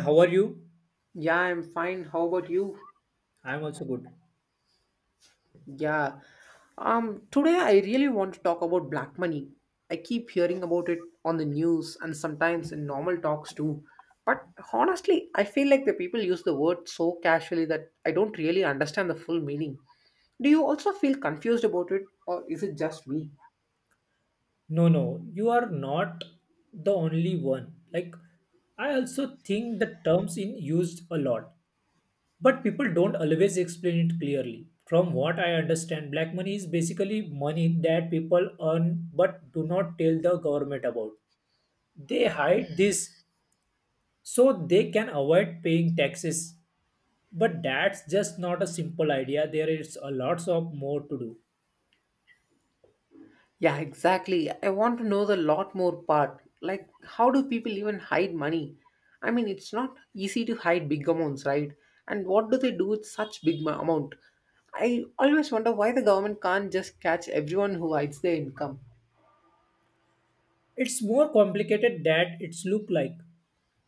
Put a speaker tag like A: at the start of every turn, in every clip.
A: How are you?
B: Yeah, I'm fine. How about you?
A: I'm also good.
B: Yeah. Today I really want to talk about black money. I keep hearing about it on the news and sometimes in normal talks too. But honestly, I feel like the people use the word so casually that I don't really understand the full meaning. Do you also feel confused about it, or is it just me?
A: No, no, you are not the only one. Like, I also think the terms in used a lot, but people don't always explain it clearly. From what I understand, black money is basically money that people earn but do not tell the government about. They hide this so they can avoid paying taxes. But that's just not a simple idea. There is a lots of more to do.
B: Yeah, exactly. I want to know the lot more part. How do people even hide money? I mean, it's not easy to hide big amounts, right? And what do they do with such big amount? I always wonder why the government can't just catch everyone who hides their income.
A: It's more complicated than it's look like.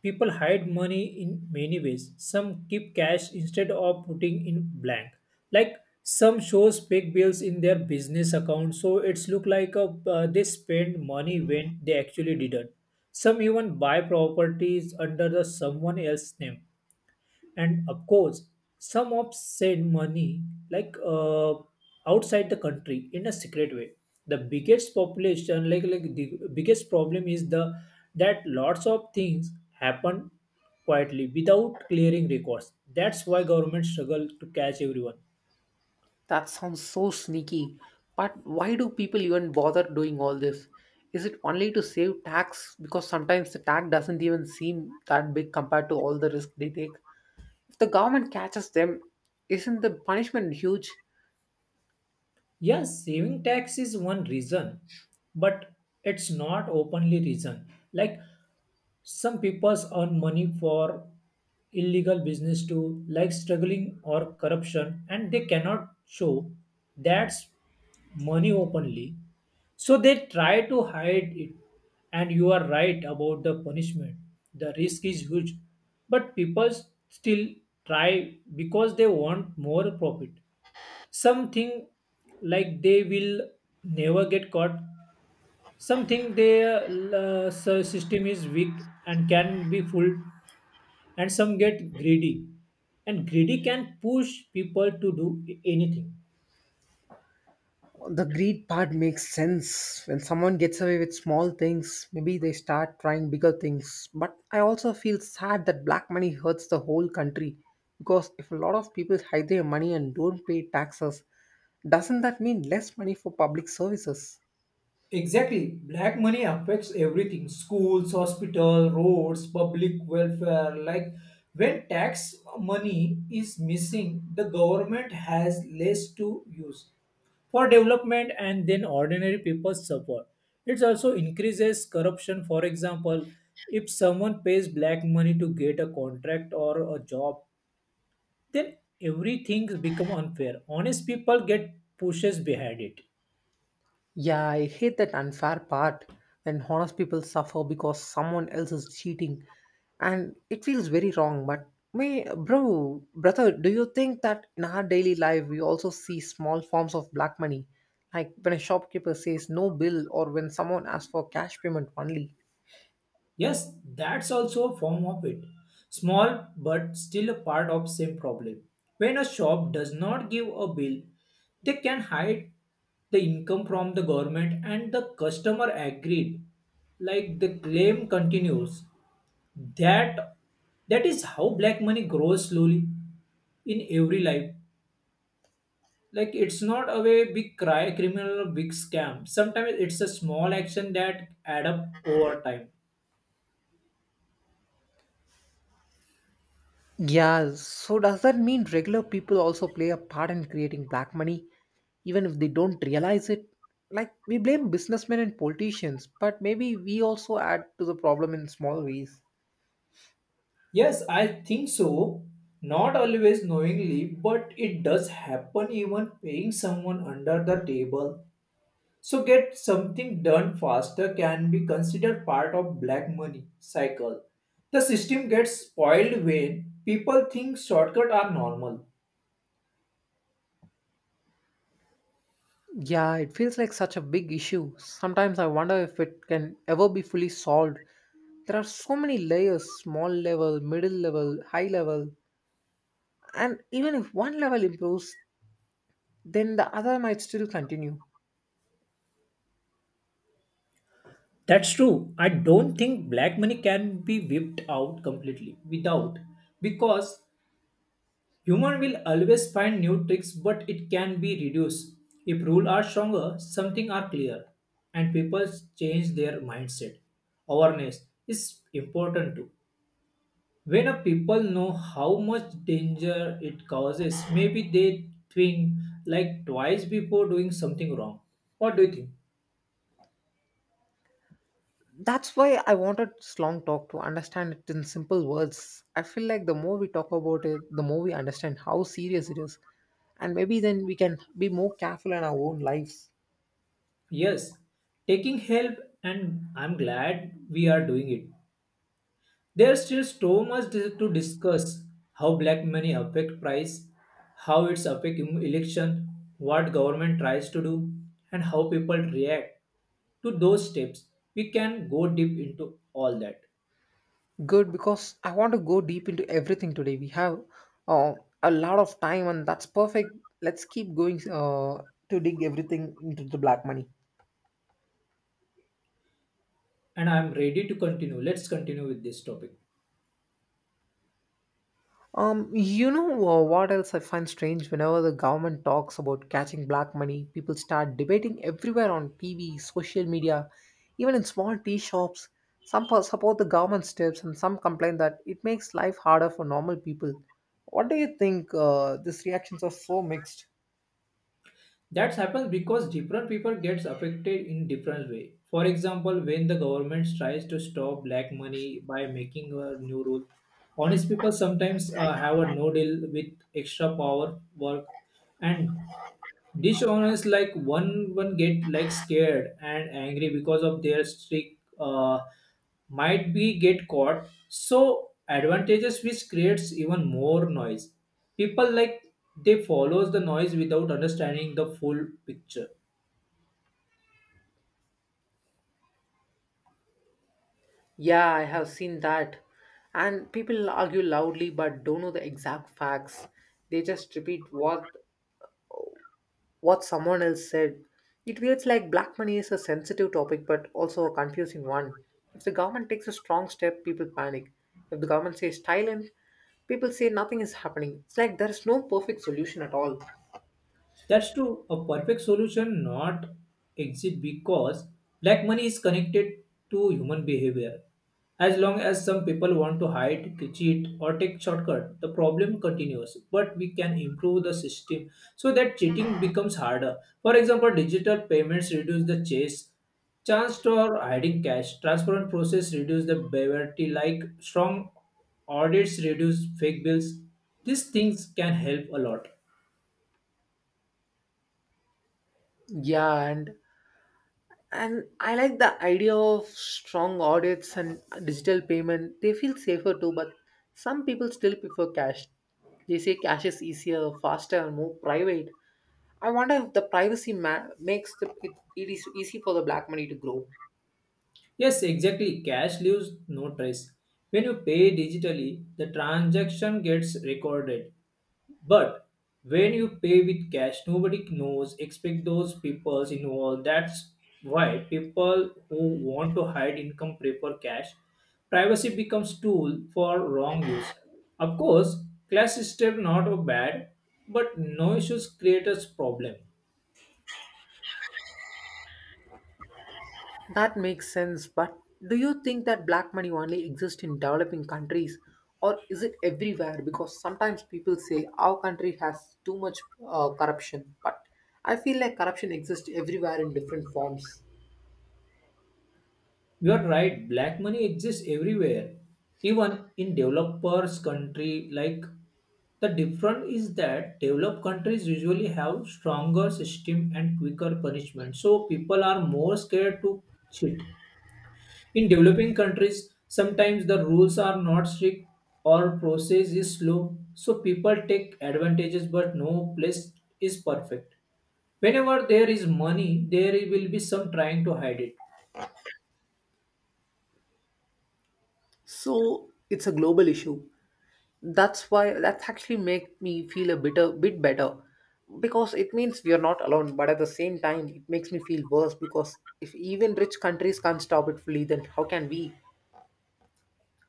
A: People hide money in many ways. Some keep cash instead of putting in blank. Like some shows fake bills in their business account, so it's look like a, they spend money when they actually didn't. Some even buy properties under the someone else's name, and of course some of said money, like outside the country in a secret way, the biggest population, like the biggest problem is the that lots of things happen quietly without clearing records. That's why government struggle to catch everyone.
B: That sounds so sneaky. But why do people even bother doing all this? Is it only to save tax? Because sometimes the tax doesn't even seem that big compared to all the risk they take. If the government catches them, isn't the punishment huge?
A: Yes, saving tax is one reason, but it's not openly reason. Like some people earn money for illegal business too, like struggling or corruption, and they cannot show that's money openly. So they try to hide it. And you are right about the punishment. The risk is huge, but people still try because they want more profit, something like they will never get caught, something their system is weak and can be fooled, and some get greedy, and greedy can push people to do anything.
B: The greed part makes sense. When someone gets away with small things, maybe they start trying bigger things, but I also feel sad that black money hurts the whole country, because if a lot of people hide their money and don't pay taxes, doesn't that mean less money for public services?
A: Exactly. Black money affects everything, schools, hospital, roads, public welfare. Like when tax money is missing, the government has less to use for development, and then ordinary people suffer. It also increases corruption. For example, if someone pays black money to get a contract or a job, then everything becomes unfair. Honest people get pushes behind it.
B: Yeah, I hate that unfair part. When honest people suffer because someone else is cheating, and it feels very wrong. But me, brother, do you think that in our daily life we also see small forms of black money? Like when a shopkeeper says no bill or when someone asks for cash payment only.
A: Yes, that's also a form of it. Small but still a part of same problem. When a shop does not give a bill, they can hide the income from the government, and the customer agreed. Like the claim continues. That that is how black money grows slowly in every life. Like it's not a way big cry criminal or big scam. Sometimes it's a small action that add up over time.
B: Yeah, so does that mean regular people also play a part in creating black money, even if they don't realize it? Like, we blame businessmen and politicians, but maybe we also add to the problem in small ways.
A: Yes, I think so. Not always knowingly, but it does happen, even paying someone under the table. So get something done faster can be considered part of black money cycle. The system gets spoiled when people think shortcuts are normal.
B: Yeah, it feels like such a big issue. Sometimes I wonder if it can ever be fully solved. There are so many layers: small level, middle level, high level, and even if one level improves, then the other might still continue.
A: That's true. I don't think black money can be whipped out completely without, because Human will always find new tricks, but it can be reduced. If rules are stronger, something are clear, and people change their mindset. Awareness is important too. When a people know how much danger it causes, maybe they think like twice before doing something wrong. What do you think?
B: That's why I wanted this long talk, to understand it in simple words. I feel like the more we talk about it, the more we understand how serious it is. And maybe then we can be more careful in our own lives.
A: Yes, taking help, and I'm glad we are doing it. There's still so much to discuss how black money affect price, how it's affect election, what government tries to do, and how people react to those steps. We can go deep into all that.
B: Good, because I want to go deep into everything today. We have uh, a lot of time, and that's perfect. Let's keep going to dig everything into the black money.
A: And I'm ready to continue. Let's continue with this topic.
B: You know what else I find strange? Whenever the government talks about catching black money, people start debating everywhere on TV, social media, even in small tea shops. Support the government steps, and some complain that it makes life harder for normal people. What do you think? These reactions are so mixed.
A: That happens because different people gets affected in different way. For example, when the government tries to stop black money by making a new rule, honest people sometimes have a no deal with extra power work, and dishonest like one get like scared and angry because of their streak, might be get caught so advantages, which creates even more noise. People like they follows the noise without understanding the full picture.
B: Yeah, I have seen that. And people argue loudly but don't know the exact facts. They just repeat what someone else said. It feels like black money is a sensitive topic but also a confusing one. If the government takes a strong step, people panic. If the government says silent, people say nothing is happening. It's like there is no perfect solution at all.
A: That's true. A perfect solution not exist because black money is connected to human behavior. As long as some people want to hide, cheat, or take shortcut, the problem continues. But we can improve the system so that cheating becomes harder. For example, digital payments reduce the chance for hiding cash, transparent process reduce the poverty, like strong audits reduce fake bills. These things can help a lot.
B: Yeah, and I like the idea of strong audits and digital payment. They feel safer too, but some people still prefer cash. They say cash is easier, faster, and more private. I wonder if the privacy makes it is easy for the black money to grow.
A: Yes, exactly. Cash leaves no trace. When you pay digitally, the transaction gets recorded. But when you pay with cash, nobody knows except those people involved. That's why people who want to hide income prefer cash. Privacy becomes tool for wrong use. Of course, class system not bad, but no issues creates problem.
B: That makes sense, but do you think that black money only exists in developing countries, or is it everywhere? Because sometimes people say our country has too much corruption, but I feel like corruption exists everywhere in different forms.
A: You are right, black money exists everywhere, even in developers country. Like the difference is that developed countries usually have stronger system and quicker punishment. So people are more scared to cheat. In developing countries, sometimes the rules are not strict or process is slow. So people take advantages, but no place is perfect. Whenever there is money, there will be some trying to hide it.
B: So it's a global issue. That's why that's actually make me feel a bit better, because it means we are not alone, but at the same time it makes me feel worse, because if even rich countries can't stop it fully, then how can we?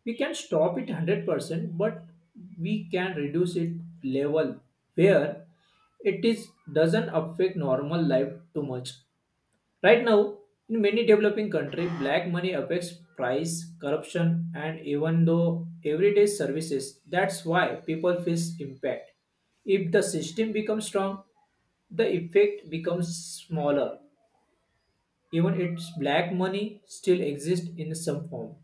A: We can stop it 100%, but we can reduce it level where it is doesn't affect normal life too much. Right now in many developing countries, black money affects price, corruption, and even though everyday services. That's why people feel impact. If the system becomes strong, the effect becomes smaller, even its black money still exists in some form.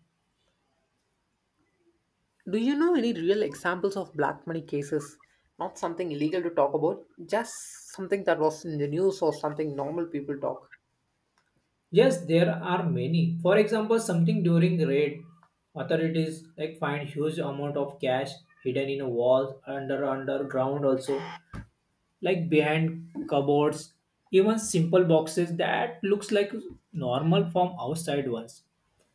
B: Do you know any real examples of black money cases? Not something illegal to talk about, just something that was in the news or something normal people talk.
A: Yes, there are many. For example, something during raid, authorities like find huge amount of cash hidden in walls, under underground also, like behind cupboards, even simple boxes that looks like normal from outside ones.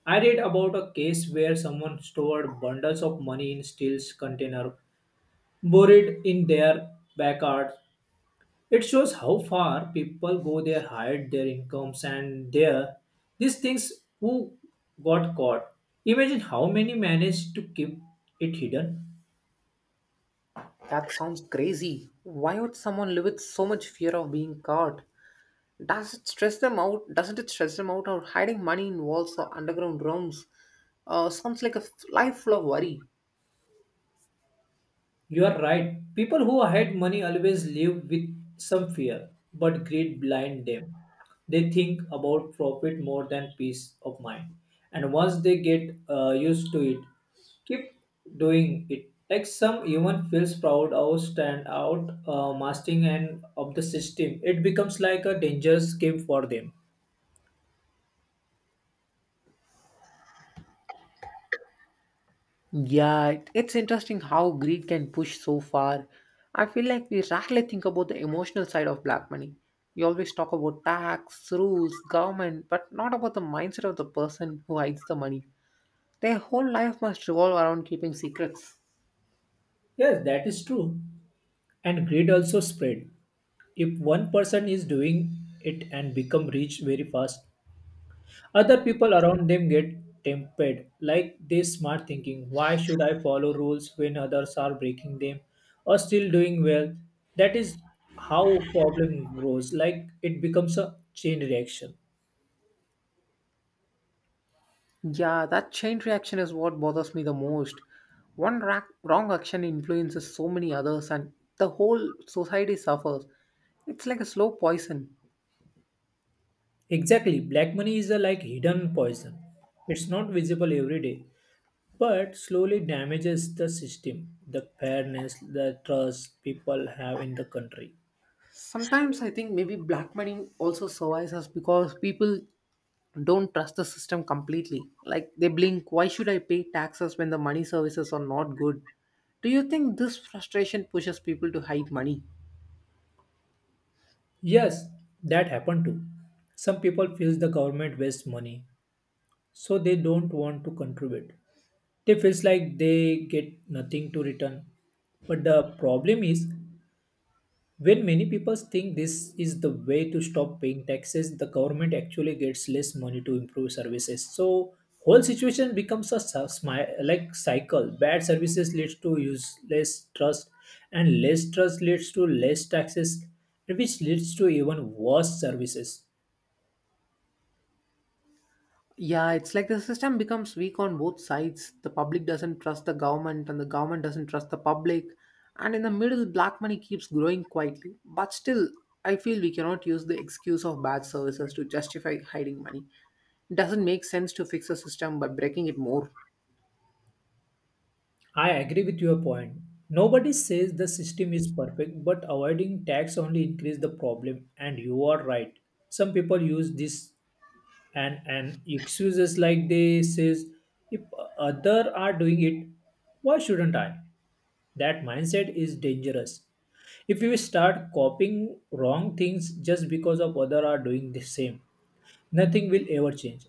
A: I read about a case where someone stored bundles of money in steel container, buried in their backyard. It shows how far people go there, hide their incomes, and their these things who got caught. Imagine how many managed to keep it hidden.
B: That sounds crazy. Why would someone live with so much fear of being caught? Does it stress them out? Doesn't it stress them out? Or hiding money in walls or underground rooms? Sounds like a life full of worry.
A: You are right. People who hide money always live with some fear, but greed blind them. They think about profit more than peace of mind. And once they get used to it, keep doing it. Like some even feels proud or stand out, mastering and of the system. It becomes like a dangerous game for them.
B: Yeah, it's interesting how greed can push so far. I feel like we rarely think about the emotional side of black money. We always talk about tax, rules, government, but not about the mindset of the person who hides the money. Their whole life must revolve around keeping secrets.
A: Yes, that is true. And greed also spread. If one person is doing it and become rich very fast, other people around them get tempted, like this smart thinking, why should I follow rules when others are breaking them or still doing well? That is how problem grows, like it becomes a chain reaction.
B: Yeah, that chain reaction is what bothers me the most. One wrong action influences so many others, and the whole society suffers. It's like a slow poison.
A: Exactly, black money is a like hidden poison. It's not visible every day, but slowly damages the system, the fairness, the trust people have in the country.
B: Sometimes I think maybe black money also survives us because people don't trust the system completely. Like they blink, why should I pay taxes when the money services are not good? Do you think this frustration pushes people to hide money?
A: Yes, that happened too. Some people feel the government wastes money, so they don't want to contribute. They feels like they get nothing to return, but the problem is when many people think this is the way to stop paying taxes, the government actually gets less money to improve services. So whole situation becomes a like cycle, bad services leads to useless trust, and less trust leads to less taxes, which leads to even worse services.
B: Yeah, it's like the system becomes weak on both sides. The public doesn't trust the government, and the government doesn't trust the public. And in the middle, black money keeps growing quietly. But still, I feel we cannot use the excuse of bad services to justify hiding money. It doesn't make sense to fix a system by breaking it more.
A: I agree with your point. Nobody says the system is perfect, but avoiding tax only increase the problem. And you are right. Some people use this and excuses like they says, if other are doing it, why shouldn't I? That mindset is dangerous. If you start copying wrong things just because of other are doing the same, nothing will ever change.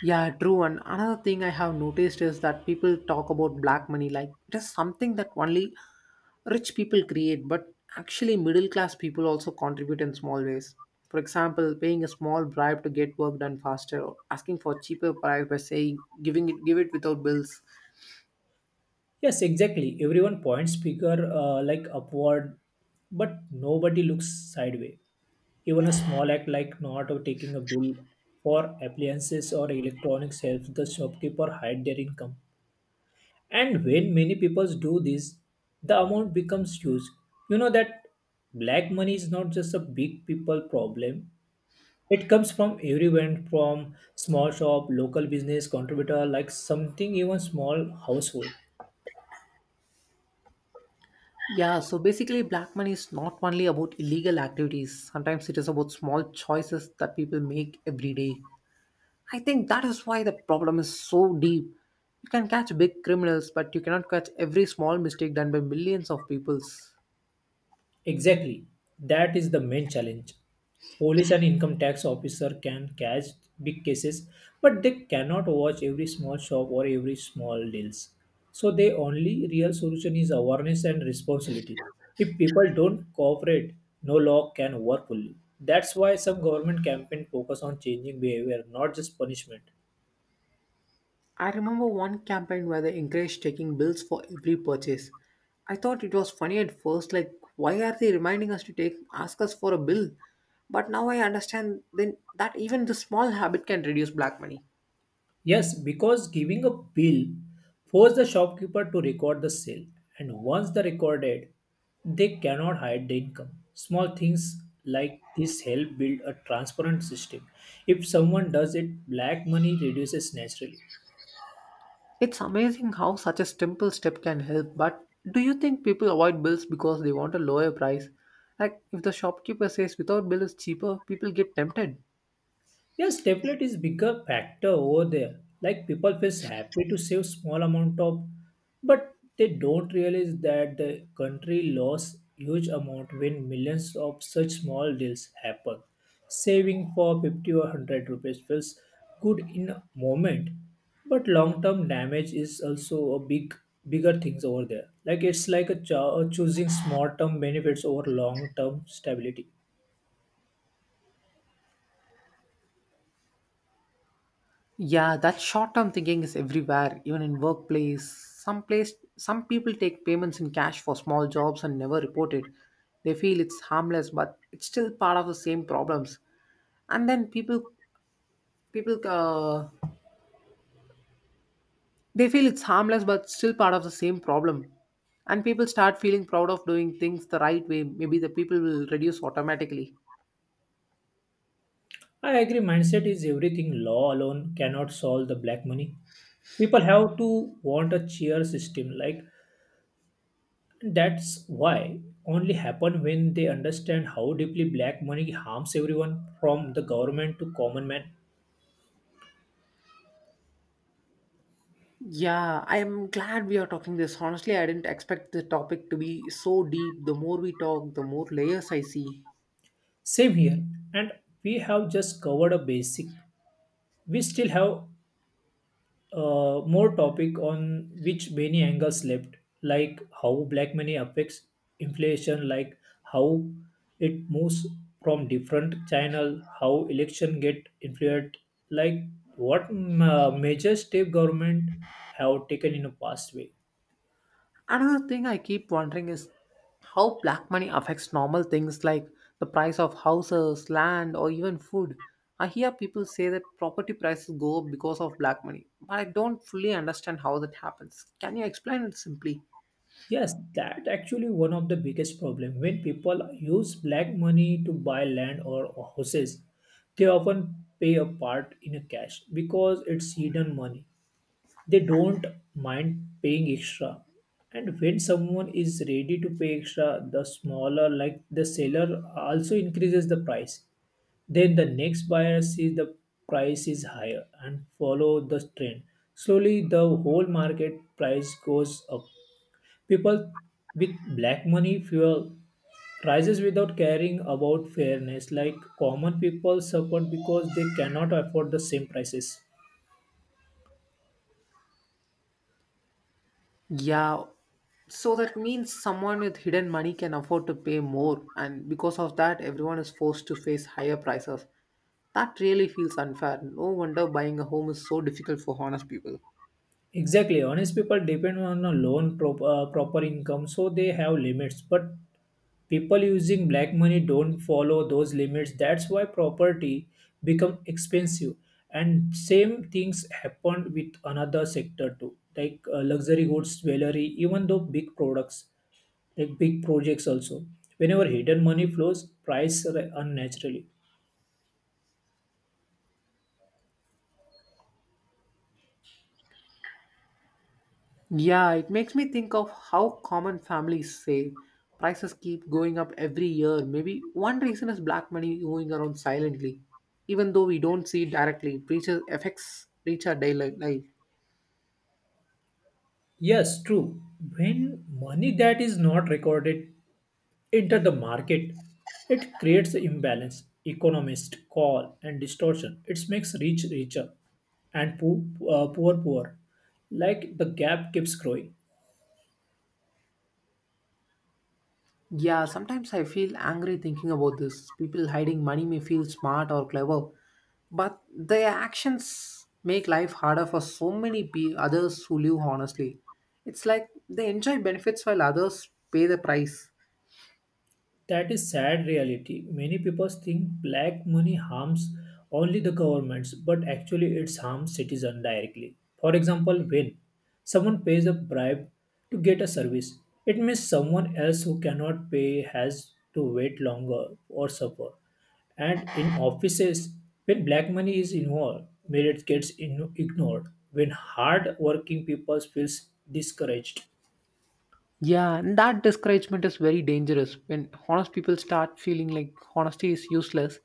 B: Yeah, true. And another thing I have noticed is that people talk about black money like it is something that only rich people create, but actually middle class people also contribute in small ways. For example, paying a small bribe to get work done faster, or asking for cheaper price by saying giving it give it without bills.
A: Yes, exactly. Everyone points bigger, like upward, but nobody looks sideway. Even a small act like not or taking a bill for appliances or electronics helps the shopkeeper hide their income. And when many people do this, the amount becomes huge. You know that black money is not just a big people problem. It comes from everyone, from small shop, local business contributor, like something even small household.
B: Yeah, so basically black money is not only about illegal activities. Sometimes it is about small choices that people make every day. I think that is why the problem is so deep. You can catch big criminals, but you cannot catch every small mistake done by millions of peoples.
A: Exactly. That is the main challenge. Police and income tax officer can catch big cases, but they cannot watch every small shop or every small deals. So the only real solution is awareness and responsibility. If people don't cooperate, no law can work fully. That's why some government campaign focus on changing behavior, not just punishment.
B: I remember one campaign where they encouraged taking bills for every purchase. I thought it was funny at first, like why are they reminding us to take ask us for a bill? But now I understand then that even the small habit can reduce black money.
A: Yes, because giving a bill forces the shopkeeper to record the sale, and once they recorded, they cannot hide the income. Small things like this help build a transparent system. If someone does it, black money reduces naturally.
B: It's amazing how such a simple step can help, but do you think people avoid bills because they want a lower price? Like if the shopkeeper says without bill is cheaper, people get tempted.
A: Yes, stability is bigger factor over there. Like people feels happy to save small amount of, but they don't realize that the country lost huge amount when millions of such small deals happen. Saving for 50 or 100 rupees feels good in a moment, but long term damage is also a bigger things over there. Like it's like a choosing small term benefits over long term stability.
B: Yeah, that short-term thinking is everywhere, even in workplace. Some people take payments in cash for small jobs and never report it. They feel it's harmless, but it's still part of the same problems. And then people people they feel it's harmless but still part of the same problem. And people start feeling proud of doing things the right way. Maybe the people will reduce automatically.
A: I agree, mindset is everything. Law alone cannot solve the black money. People have to want a cheer system. Like that's why only happen when they understand how deeply black money harms everyone from the government to common man.
B: Yeah, I am glad we are talking this. Honestly, I didn't expect the topic to be so deep. The more we talk, the more layers I see.
A: Same here. And we have just covered a basic. We still have more topic on which many angles left, like how black money affects inflation, like how it moves from different channel, how election get influenced, like major step government have taken in a past way.
B: Another thing I keep wondering is how black money affects normal things, like the price of houses, land, or even food. I hear people say that property prices go up because of black money, but I don't fully understand how that happens. Can you explain it simply?
A: Yes, that actually one of the biggest problem when people use black money to buy land or houses, they often pay a part in a cash because it's hidden money. They don't mind paying extra. And when someone is ready to pay extra, the smaller, like the seller, also increases the price. Then the next buyer sees the price is higher and follow the trend. Slowly, the whole market price goes up. People with black money fuel rises without caring about fairness. Like common people suffer because they cannot afford the same prices.
B: Yeah, so that means someone with hidden money can afford to pay more, and because of that, everyone is forced to face higher prices. That really feels unfair. No wonder buying a home is so difficult for honest people.
A: Exactly. Honest people depend on a proper income, so they have limits. But people using black money don't follow those limits. That's why property become expensive. And same things happened with another sector too, like luxury goods, jewelry, even though big products, like big projects also. Whenever hidden money flows, unnaturally.
B: Yeah, it makes me think of how common families say prices keep going up every year. Maybe one reason is black money moving around silently, even though we don't see it directly. It reaches affects reach our daily life.
A: Yes, true. When money that is not recorded enter the market. It creates imbalance, economists call and distortion. It makes rich richer and poor poor. Like the gap keeps growing.
B: Yeah, sometimes I feel angry thinking about this. People hiding money may feel smart or clever, but their actions make life harder for so many others who live honestly. It's like they enjoy benefits while others pay the price.
A: That is sad reality. Many people think black money harms only the governments, but actually it harms citizens directly. For example, when someone pays a bribe to get a service, it means someone else who cannot pay has to wait longer or suffer. And in offices, when black money is involved, merit ignored. When hard working people feels discouraged,
B: Yeah, and that discouragement is very dangerous. When honest people start feeling like honesty is useless,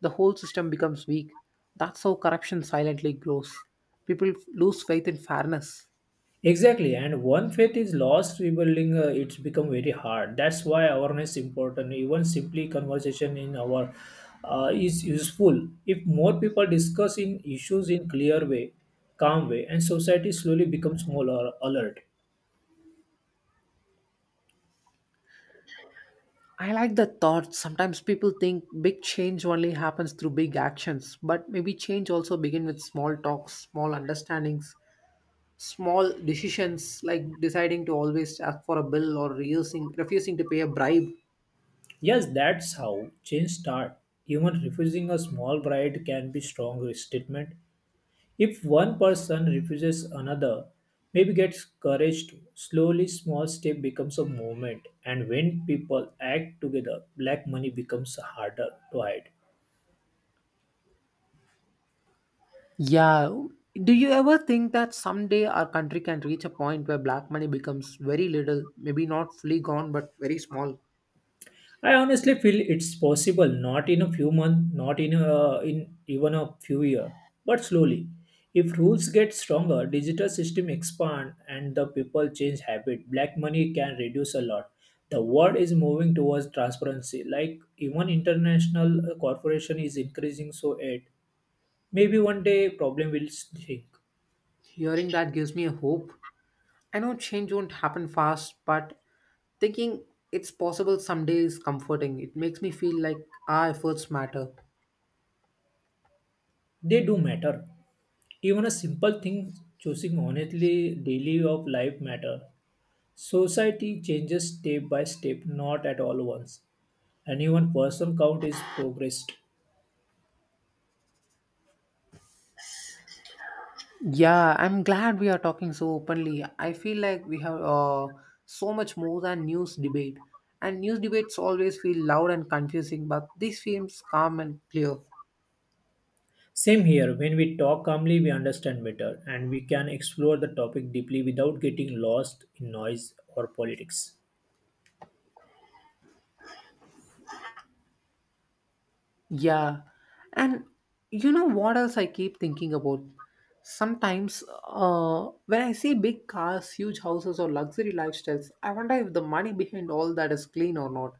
B: the whole system becomes weak. That's how corruption silently grows. People lose faith in fairness.
A: exactly, and one faith is lost, rebuilding it's become very hard. That's why awareness is important. Even simply conversation in our is useful. If more people discuss in issues in clear way, calm way, and society slowly becomes alert.
B: I like the thought. Sometimes people think big change only happens through big actions, but maybe change also begins with small talks, small understandings, small decisions like deciding to always ask for a bill or refusing to pay a bribe.
A: Yes, that's how change start. Even refusing a small bribe can be strong statement. If one person refuses another, maybe gets courage to, slowly small step becomes a movement and when people act together, black money becomes harder to hide.
B: Yeah. Do you ever think that someday our country can reach a point where black money becomes very little, maybe not fully gone, but very small?
A: I honestly feel it's possible, not in a few months, not in a, in even a few years, but slowly. If rules get stronger, digital system expand and the people change habit, black money can reduce a lot. The world is moving towards transparency. Like even international corporation is increasing, so it maybe one day problem will shrink.
B: Hearing that gives me a hope. I know change won't happen fast, but thinking it's possible someday is comforting. It makes me feel like our efforts matter.
A: They do matter. Even a simple thing choosing honestly daily of life matter. Society changes step by step, not at all once. Any one person count is progressed.
B: Yeah, I'm glad we are talking so openly. I feel like we have so much more than news debate. And news debates always feel loud and confusing, but this feels calm and clear.
A: Same here, when we talk calmly, we understand better and we can explore the topic deeply without getting lost in noise or politics.
B: Yeah. And you know what else I keep thinking about? Sometimes when I see big cars, huge houses, or luxury lifestyles, I wonder if the money behind all that is clean or not.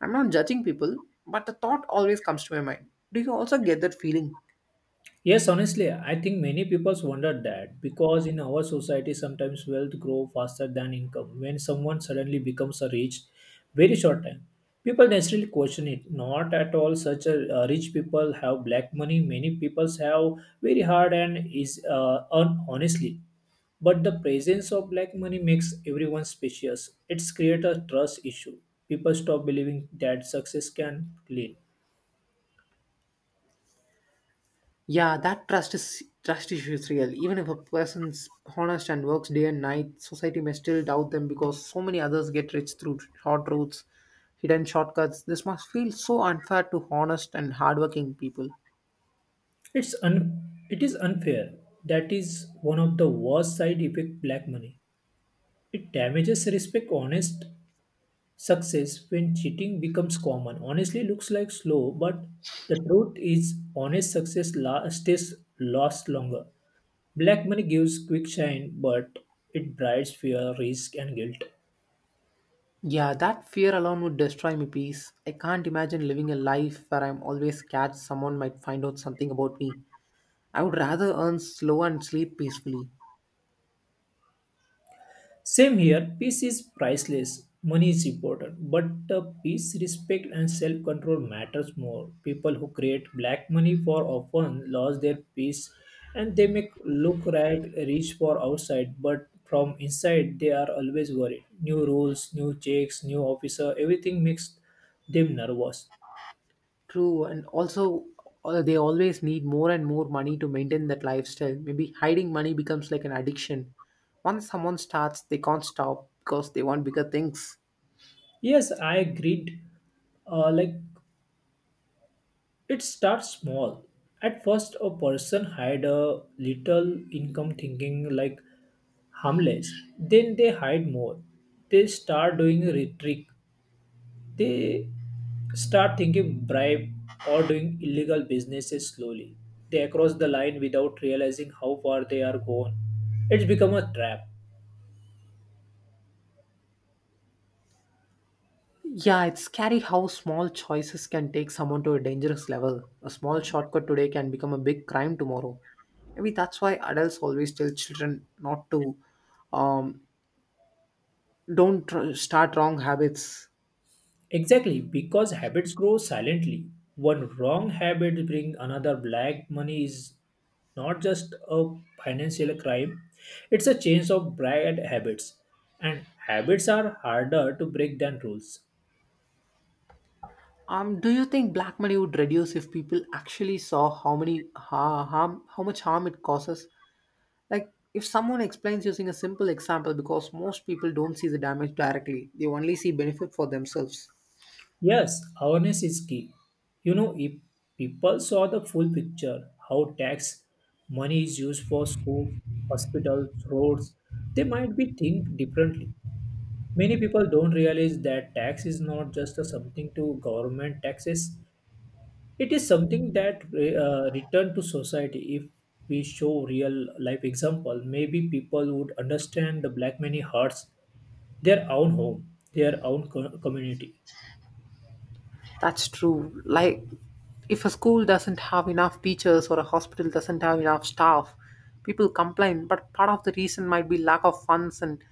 B: I'm not judging people, but the thought always comes to my mind. Do you also get that feeling?
A: Yes, honestly, I think many people wonder that because in our society sometimes wealth grows faster than income. When someone suddenly becomes a rich, very short time, people naturally question it. Not at all such a rich people have black money. Many people have very hard and is earn honestly. But the presence of black money makes everyone suspicious. It's create a trust issue. People stop believing that success can clean.
B: Yeah, that trust issue is real. Even if a person's honest and works day and night, society may still doubt them because so many others get rich through short routes, hidden shortcuts. This must feel so unfair to honest and hardworking people.
A: It is unfair. That is one of the worst side effect black money. It damages respect, honest success when cheating becomes common. Honestly, looks like slow, but the truth is honest stays lost longer. Black money gives quick shine, but it brides fear, risk, and guilt.
B: Yeah, that fear alone would destroy my peace. I can't imagine living a life where I'm always scared someone might find out something about me. I would rather earn slow and sleep peacefully.
A: Same here, peace is priceless. Money is important, but peace, respect, and self control matters more. People who create black money for often lose their peace, and they make look right, rich for outside, but from inside they are always worried. New rules, new checks, new officer, everything makes them nervous.
B: True, and also they always need more and more money to maintain that lifestyle. Maybe hiding money becomes like an addiction. Once someone starts, they can't stop because they want bigger things.
A: Yes, I agreed. Like it starts small. At first, a person hide a little income thinking like harmless. Then they hide more. They start doing rhetoric. They start thinking bribe or doing illegal businesses slowly. They cross the line without realizing how far they are gone. It's become a trap.
B: Yeah, it's scary how small choices can take someone to a dangerous level. A small shortcut today can become a big crime tomorrow. Maybe that's why adults always tell children not to um, don't tr- start wrong habits.
A: Exactly, because habits grow silently. One wrong habit brings another black money is not just a financial crime, it's a change of bad habits. And habits are harder to break than rules.
B: Do you think black money would reduce if people actually saw how harm, how much harm it causes? Like, if someone explains using a simple example, because most people don't see the damage directly, they only see benefit for themselves.
A: Yes, awareness is key. You know, if people saw the full picture, how tax money is used for schools, hospitals, roads, they might be think differently. Many people don't realize that tax is not just a something to government taxes. It is something that return to society. If we show real life example, maybe people would understand the black many hearts their own home, their community.
B: That's true. Like, if a school doesn't have enough teachers or a hospital doesn't have enough staff, people complain. But part of the reason might be lack of funds, and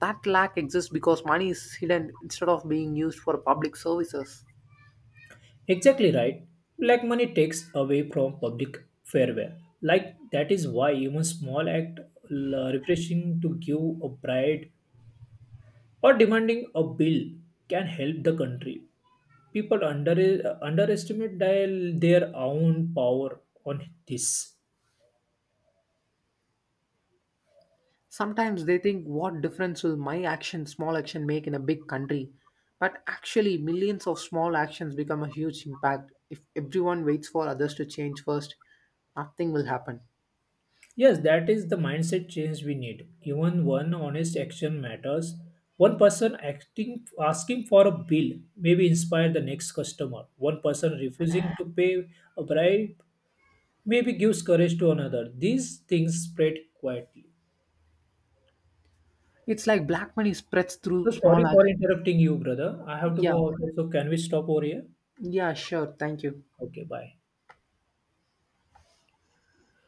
B: that lack exists because money is hidden instead of being used for public services.
A: Exactly right. Black money takes away from public farewell. Like that is why even small refreshing to give a bride or demanding a bill can help the country. People underestimate their own power on this.
B: Sometimes they think, what difference will my small action make in a big country? But actually, millions of small actions become a huge impact. If everyone waits for others to change first, nothing will happen.
A: Yes, that is the mindset change we need. Even one honest action matters. One person acting asking for a bill maybe inspire the next customer. One person refusing to pay a bribe maybe gives courage to another. These things spread quietly.
B: It's like black money spreads
A: So
B: through
A: sorry
B: small
A: for
B: actions.
A: interrupting you, brother. I have to
B: Yeah,
A: go out. So can we stop over here?
B: yeah, sure. Thank you.
A: Okay, bye.